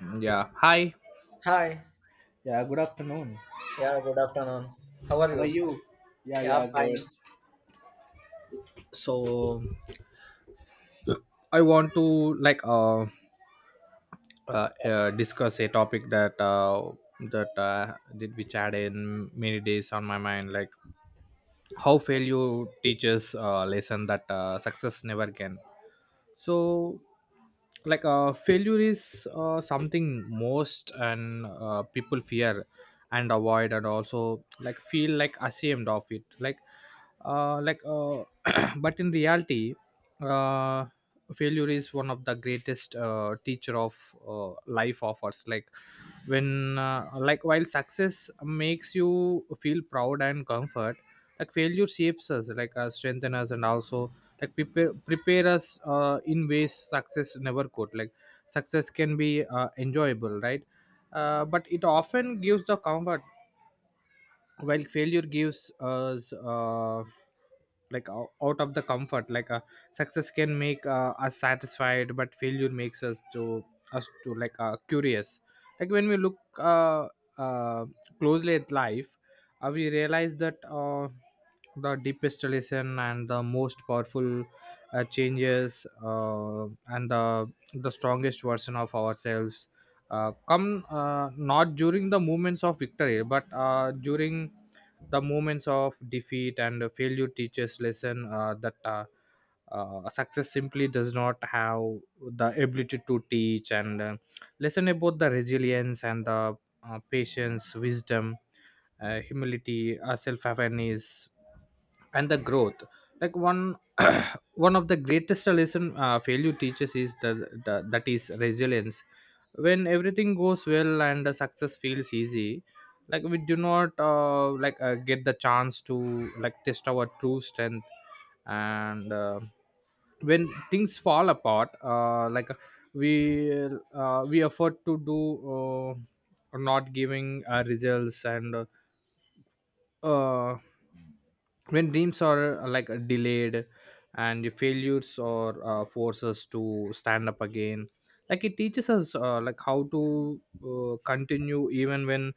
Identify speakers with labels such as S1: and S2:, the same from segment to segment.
S1: Mm, yeah. Hi.
S2: Hi.
S1: Yeah, good afternoon.
S2: Yeah, good afternoon. How are
S1: How are
S2: you?
S1: you? Yeah,
S2: Yeah,
S1: yeah, good.
S2: fine.
S1: So, I want to like discuss a topic that did which had in many days on my mind, like how failure teaches a lesson that success never can. So, like failure is something most and people fear and avoid, and also like feel like ashamed of it, like uh, like uh, but in reality, uh, failure is one of the greatest teacher of life offers. Like when like while success makes you feel proud and comfort, like failure shapes us, like strengthen us, and also like prepare us in ways success never could. Like success can be enjoyable, right? But it often gives the comfort, while failure gives us out of the comfort, like success can make us satisfied, but failure makes us to us to like curious. Like when we look uh, closely at life, we realize that the deepest lesson and the most powerful changes and the strongest version of ourselves come not during the moments of victory, but during the moments of defeat. And failure teaches lesson, that success simply does not have the ability to teach, and lesson about the resilience and the patience, wisdom, humility, self-awareness, and the growth. Like one one of the greatest lesson failure teaches is the that is resilience. When everything goes well and the success feels easy, like we do not get the chance to like test our true strength. And when things fall apart, we we afford to do, uh, not giving results, and uh, when dreams are delayed and the failures or force us to stand up again. Like it teaches us like how to continue even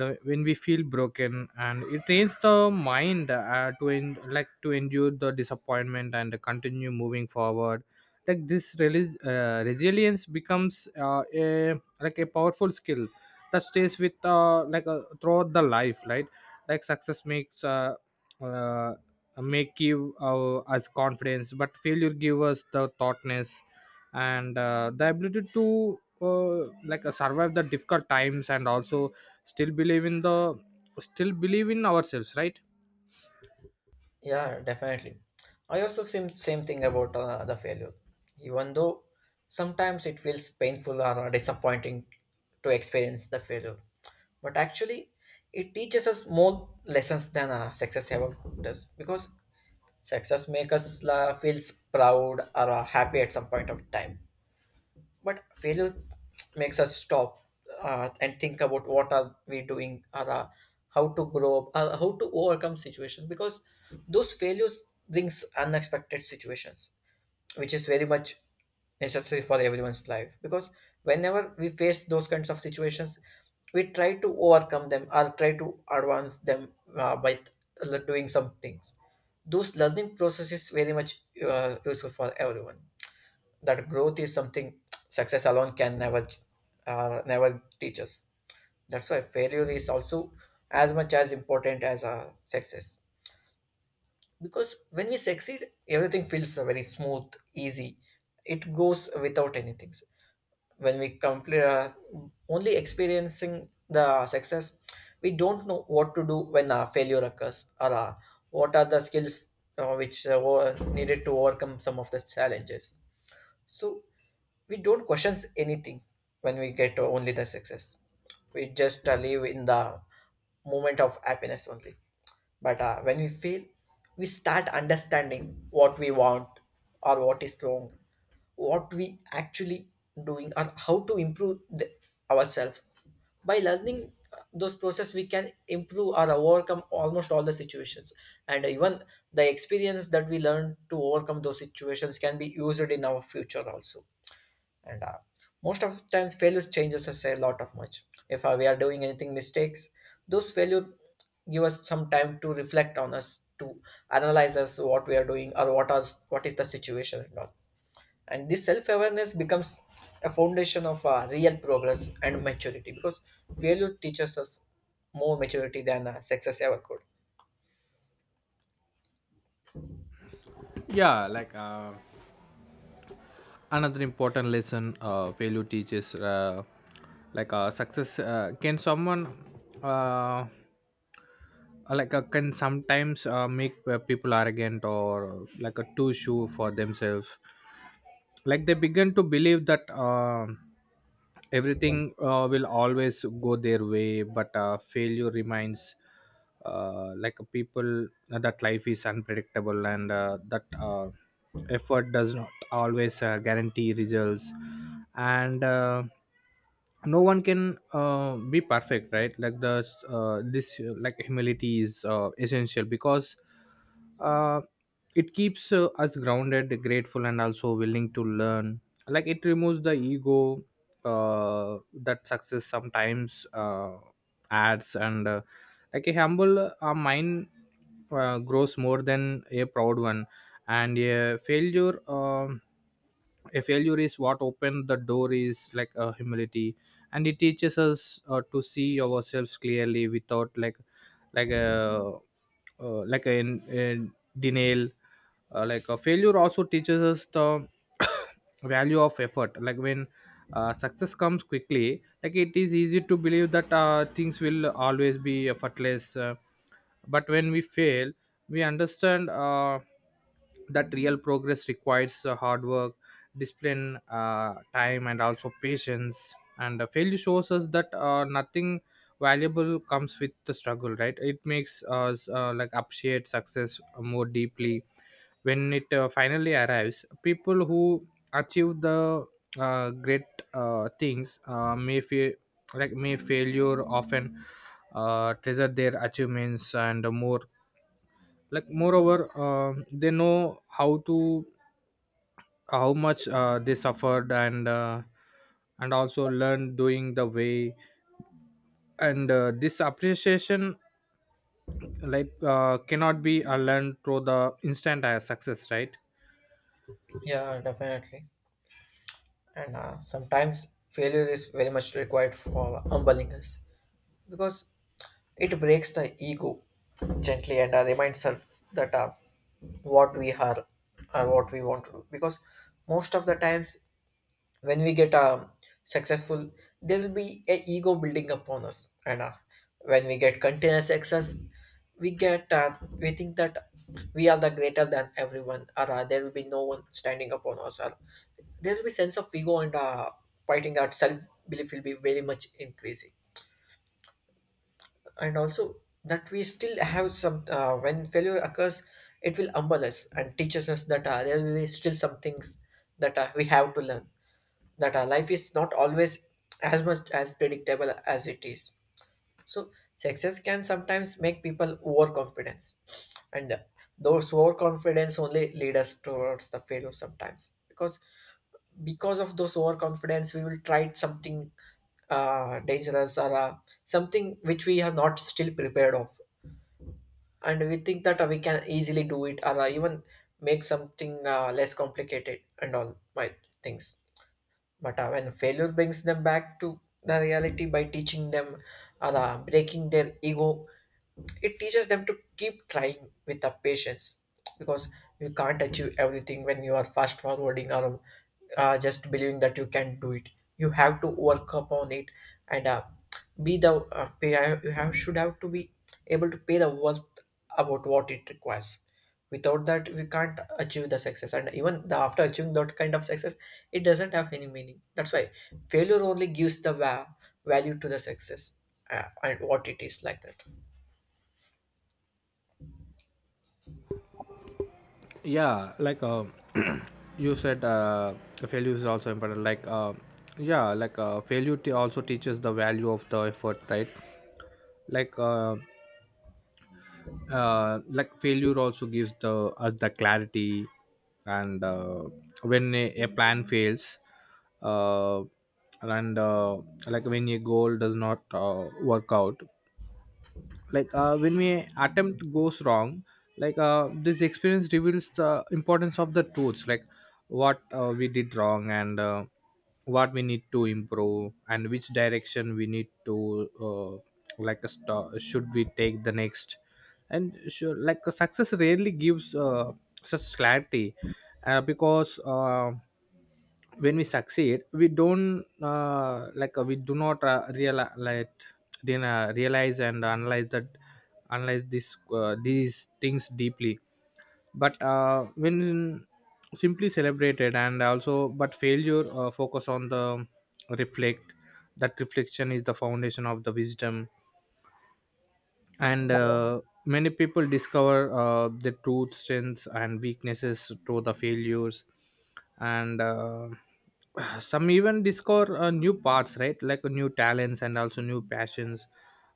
S1: when we feel broken, and it trains the mind to en- like to endure the disappointment and continue moving forward. Like this resilience becomes a powerful skill that stays with throughout the life, right? Like success makes uh, make give us confidence, but failure give us the thoughtness and the ability to survive the difficult times, and also still believe in the still believe in ourselves, right?
S2: Yeah, definitely. I also seem same thing about the failure. Even though sometimes it feels painful or disappointing to experience the failure, but actually it teaches us more lessons than success ever does, because success makes us feels proud or happy at some point of time. But failure makes us stop and think about what are we doing, or how to grow up, how to overcome situations, because those failures brings unexpected situations, which is very much necessary for everyone's life, because whenever we face those kinds of situations, we try to overcome them or try to advance them, by doing some things. Those learning process is very much useful for everyone. That growth is something success alone can never, never teach us. That's why failure is also as much as important as success, because when we succeed everything feels very smooth, easy, it goes without anything. When we complete, only experiencing the success, we don't know what to do when a failure occurs, or what are the skills which were needed to overcome some of the challenges. So we don't question anything when we get only the success. We just live in the moment of happiness only. But when we fail, we start understanding what we want, or what is wrong, what we actually doing, or how to improve the, ourselves. By learning those process, we can improve or overcome almost all the situations. And even the experience that we learn to overcome those situations can be used in our future also. And most of the times failures changes us a lot of much. If we are doing anything mistakes, those failure give us some time to reflect on us, to analyze us what we are doing, or what are, what is the situation and all. And this self-awareness becomes a foundation of real progress and maturity, because failure teaches us more maturity than success ever could.
S1: Yeah, another important lesson failure teaches. Like success can someone uh, like can sometimes make people arrogant, or like a two shoe for themselves. Like they begin to believe that everything will always go their way, but failure reminds like people that life is unpredictable, and that effort does not always guarantee results. And no one can be perfect, right? like the this like humility is essential, because uh, it keeps us grounded, grateful, and also willing to learn. Like it removes the ego that success sometimes adds, and like a humble mind grows more than a proud one. And a failure is what opened the door, is like a humility, and it teaches us to see ourselves clearly, without like like a like a denial. Like a failure also teaches us the value of effort. Like when success comes quickly, like it is easy to believe that things will always be effortless, but when we fail, we understand that real progress requires hard work, discipline, time, and also patience. And failure shows us that nothing valuable comes with the struggle, right? It makes us like appreciate success more deeply when it finally arrives. People who achieve the great things may feel like may failure often treasure their achievements and more. Like moreover, um, they know how to how much they suffered, and also learn doing the way. And this appreciation cannot be learned through the instant success, right?
S2: Yeah, definitely. And sometimes failure is very much required for humbling us, because it breaks the ego gently and reminds us that what we are or what we want to do. Because most of the times when we get successful, there will be a ego building upon us. And when we get continuous success, we think that we are the greater than everyone, or there will be no one standing upon us, or there will be sense of ego and fighting our self belief will be very much increasing. And also that we still have some, when failure occurs, it will humble us and teaches us that there will be still some things that we have to learn, that our life is not always as much as predictable as it is. So success can sometimes make people overconfidence, and those overconfidence only lead us towards the failure sometimes, because of those overconfidence we will try something dangerous, or something which we are not still prepared of, and we think that we can easily do it, or even make something less complicated and all my things. But when failure brings them back to the reality by teaching them, or breaking their ego, it teaches them to keep trying with the patience, because you can't achieve everything when you are fast forwarding, or just believing that you can do it. You have to work upon it, and be the pay, you have should have to be able to pay the worth about what it requires. Without that, we can't achieve the success, and even the, after achieving that kind of success, it doesn't have any meaning. That's why failure only gives the value to the success, and what it is like that.
S1: Yeah, you said failure is also important, yeah, failure also teaches the value of the effort, right? like uh, like failure also gives the us the clarity. And when a plan fails, uh, and like when a goal does not work out, when we attempt goes wrong, this experience reveals the importance of the truths, like what we did wrong, and what we need to improve, and which direction we need to should we take the next. And sure, like success rarely gives such clarity, because when we succeed, we don't we do not realize, like, then, realize and analyze that, analyze this these things deeply, but when simply celebrated, and also but failure focus on the reflect. That reflection is the foundation of the wisdom. And many people discover the truth strengths and weaknesses through the failures. And some even discover new paths, right? Like new talents and also new passions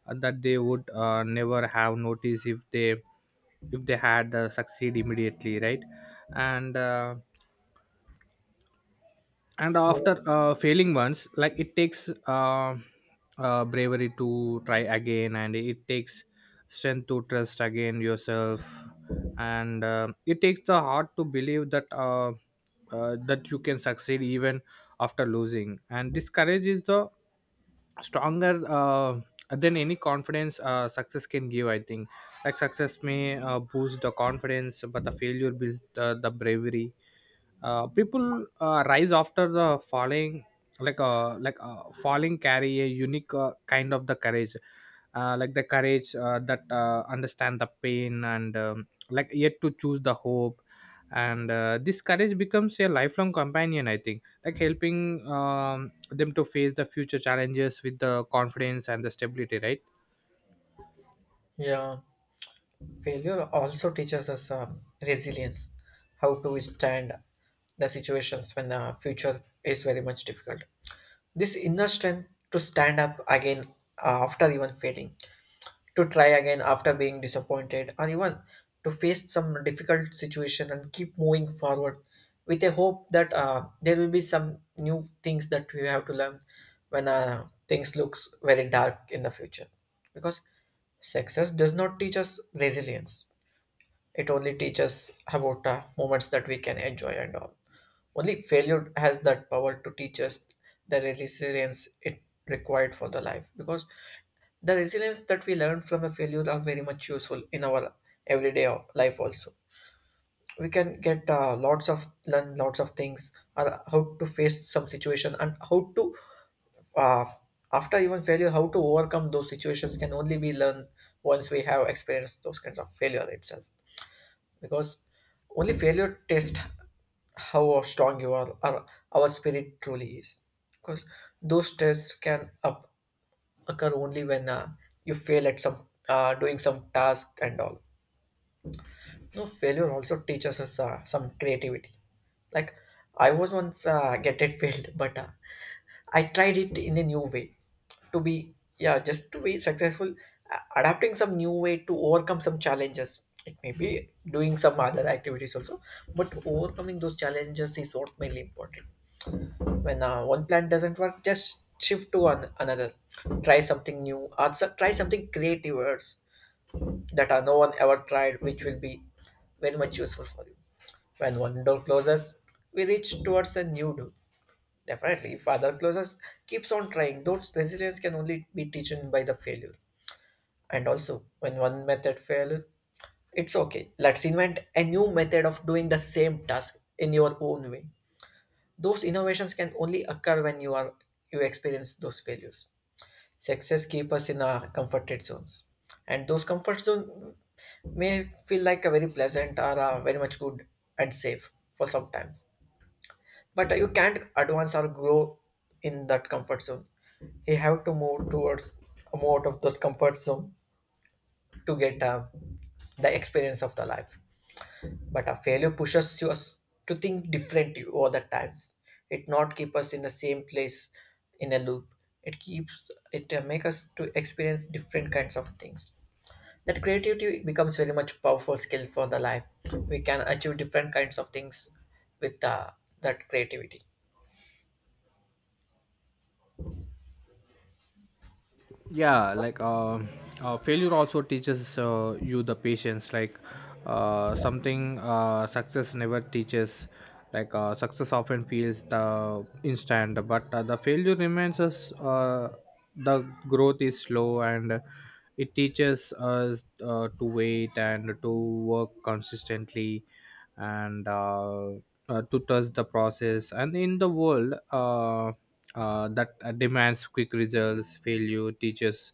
S1: that they would never have noticed if they had succeed immediately, right? And and after failing once, like it takes bravery to try again, and it takes strength to trust again yourself. And it takes the heart to believe that you can succeed even after losing. And this courage is the stronger than any confidence success can give, I think. Like success may boost the confidence, but the failure builds the bravery. People rise after the falling, falling carry a unique kind of the courage, like the courage that understand the pain, and like yet to choose the hope. And this courage becomes a lifelong companion, I think, like helping them to face the future challenges with the confidence and the stability, right?
S2: Yeah, failure also teaches us resilience, how to withstand the situations when the future is very much difficult. This inner strength to stand up again after even failing, to try again after being disappointed, or even to face some difficult situation and keep moving forward with a hope that there will be some new things that we have to learn when things looks very dark in the future. Because success does not teach us resilience, it only teaches about moments that we can enjoy and all. Only failure has that power to teach us the resilience it required for the life, because the resilience that we learn from a failure are very much useful in our everyday life also. We can get lots of learn lots of things, or how to face some situation, and how to uh, after even failure how to overcome those situations can only be learned once we have experienced those kinds of failure itself. Because only failure tests how strong you are, or our spirit truly is, because those tests can up occur only when you fail at some doing some task and all. No, failure also teaches us some creativity. Like, I was once get it failed, but I tried it in a new way to be, yeah, just to be successful. Adapting some new way to overcome some challenges. It may be doing some other activities also, but overcoming those challenges is what mainly important. When one plan doesn't work, just shift to another. Try something new, or try something creative that are no one ever tried, which will be very much useful for you. When one door closes, we reach towards a new door. Definitely, if other closes, keeps on trying. Those resilience can only be taken by the failure. And also, when one method fails, it's okay. Let's invent a new method of doing the same task in your own way. Those innovations can only occur when you are, you experience those failures. Success keep us in our comforted zones, and those comfort zones may feel like a very pleasant, or very much good and safe for some times. But you can't advance or grow in that comfort zone. You have to move towards more out of that comfort zone to get the experience of the life. But a failure pushes us to think differently all the times. It not keep us in the same place in a loop. It make us to experience different kinds of things. That creativity becomes very much powerful skill for the life. We can achieve different kinds of things with that creativity.
S1: Yeah, failure also teaches you the patience, like something success never teaches. Like success often feels the instant, but the failure remains us the growth is slow, and it teaches us to wait and to work consistently, and to trust the process. And in the world that demands quick results, failure teaches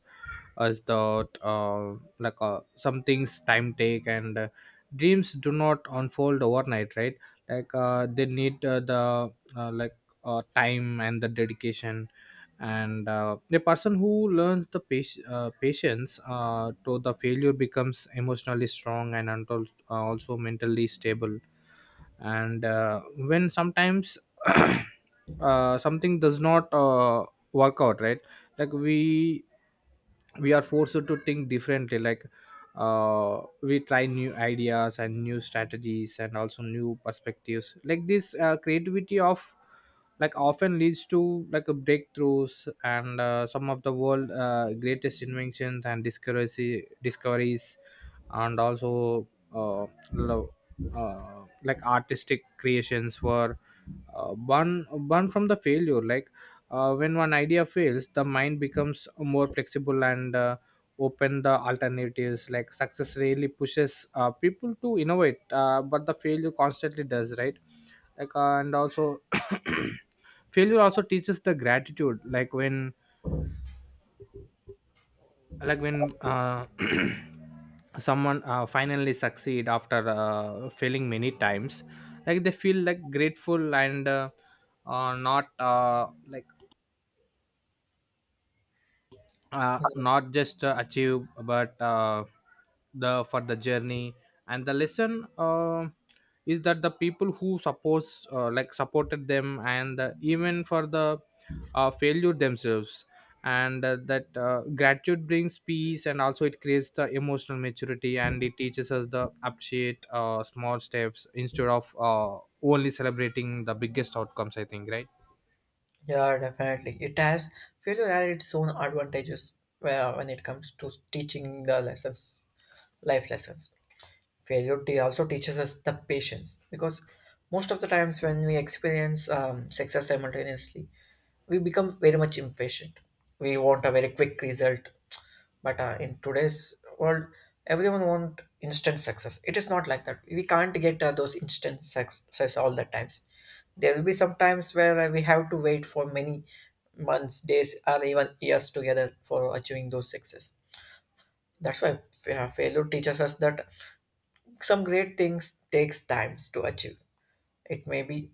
S1: us that some things time take, and dreams do not unfold overnight, right? Like they need the like time and the dedication. And the person who learns the patience to the failure becomes emotionally strong and until, also mentally stable. And when sometimes something does not work out, right? Like we are forced to think differently, like we try new ideas and new strategies and also new perspectives. Like this creativity of like often leads to like a breakthroughs, and some of the world greatest inventions and discoveries and also uh, lo- like artistic creations were one one from the failure. Like when one idea fails, the mind becomes more flexible and open the alternatives. Like success really pushes people to innovate, but the failure constantly does, right? And also failure also teaches the gratitude. Like when someone finally succeed after failing many times, like they feel like grateful, and uh, not uh, like not just achieve, but the for the journey and the lesson, is that the people who supports supported them, and even for the failure themselves. And that gratitude brings peace, and also it creates the emotional maturity, and it teaches us the appreciate small steps instead of only celebrating the biggest outcomes, I think, right?
S2: Yeah, definitely. It has, failure has its own advantages where when it comes to teaching the lessons, life lessons, failure also teaches us the patience, because most of the times when we experience success simultaneously we become very much impatient. We want a very quick result, but in today's world everyone want instant success. It is not like that we can't get those instant success all the times. There will be some times where we have to wait for many months, days, or even years together for achieving those success. That's why failure teaches us that some great things takes times to achieve. It may be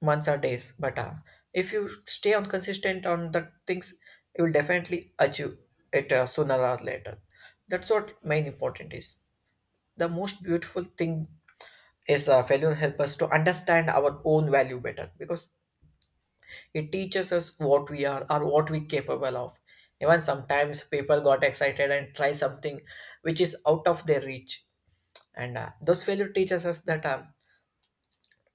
S2: months or days, but if you stay on consistent on the things you will definitely achieve it sooner or later. That's what main important is. The most beautiful thing is failure help us to understand our own value better, because it teaches us what we are, or what we capable of. Even sometimes people got excited and try something which is out of their reach, and those failure teaches us that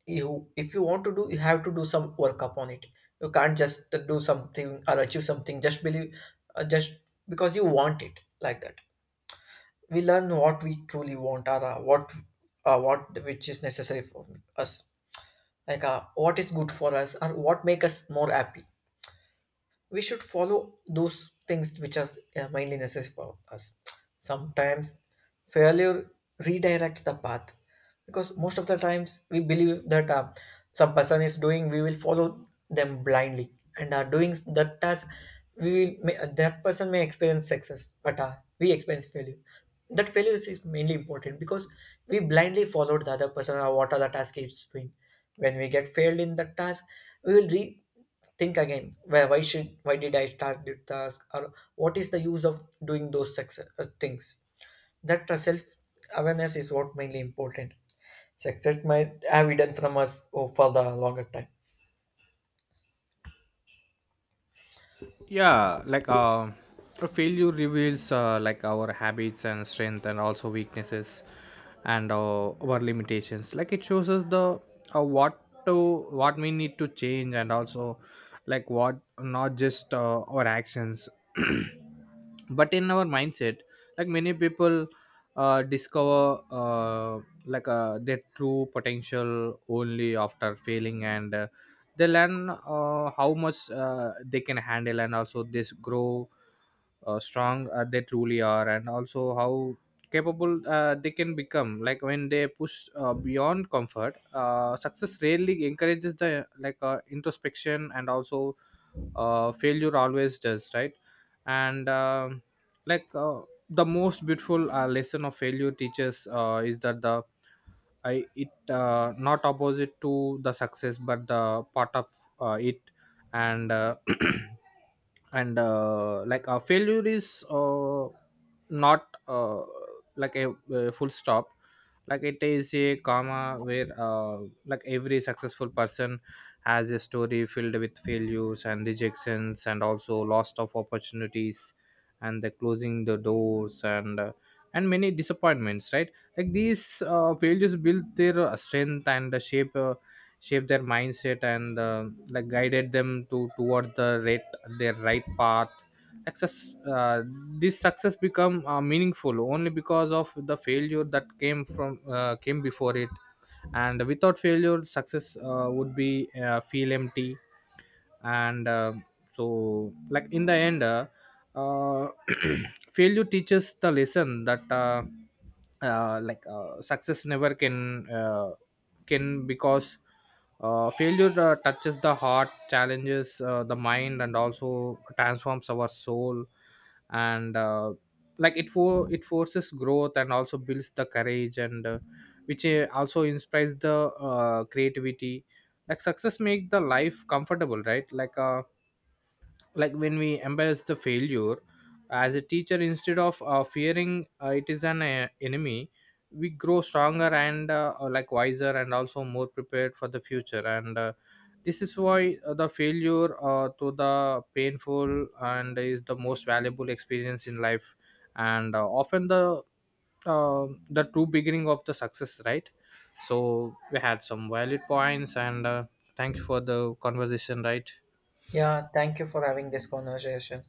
S2: you if you want to do you have to do some work upon it. You can't just do something or achieve something just believe, just because you want it like that. We learn what we truly want, or what which is necessary for us, like what is good for us, or what make us more happy. We should follow those things which are mainly necessary for us. Sometimes failure redirects the path, because most of the times we believe that some person is doing, we will follow them blindly and are doing that task. We will may, that person may experience success, but we experience failure. That failure is mainly important, because we blindly followed the other person or what other task is doing. When we get failed in that task, we will think again where why should why did I start the task, or what is the use of doing those success things. That self awareness is what mainly important. Success might have hidden from us, oh, for the longer time.
S1: Yeah, a failure reveals like our habits and strength, and also weaknesses, and our limitations. Like it shows us the what to what we need to change, and also like what, not just our actions, but in our mindset. Like many people discover their true potential only after failing. And they learn how much they can handle, and also this grow strong they truly are, and also how capable they can become, like when they push beyond comfort. Success rarely encourages the introspection, and also failure always does, right? And like uh, the most beautiful lesson of failure teaches is that the I it not opposite to the success, but the part of it, and and like a failure is not a full stop, like it is a comma, where like every successful person has a story filled with failures and rejections, and also loss of opportunities, and the closing the doors, and many disappointments, right? Like these failures build their strength, and shape their mindset, and like guided them to toward the right their right path. Access, this success become meaningful only because of the failure that came from came before it. And without failure, success would be feel empty. And um, so like in the end, uh, failure teaches the lesson that success never can can, because failure touches the heart, challenges the mind, and also transforms our soul. And like it for it forces growth, and also builds the courage, and which also inspires the creativity. Like success make the life comfortable, right? Like like when we embrace the failure as a teacher instead of fearing it is an enemy, we grow stronger and wiser, and also more prepared for the future. And this is why the failure to the painful, and is the most valuable experience in life, and often the true beginning of the success, right? So we had some valid points, and thank you for the conversation, right?
S2: Yeah, thank you for having this conversation.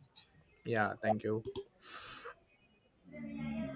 S1: Yeah, thank you.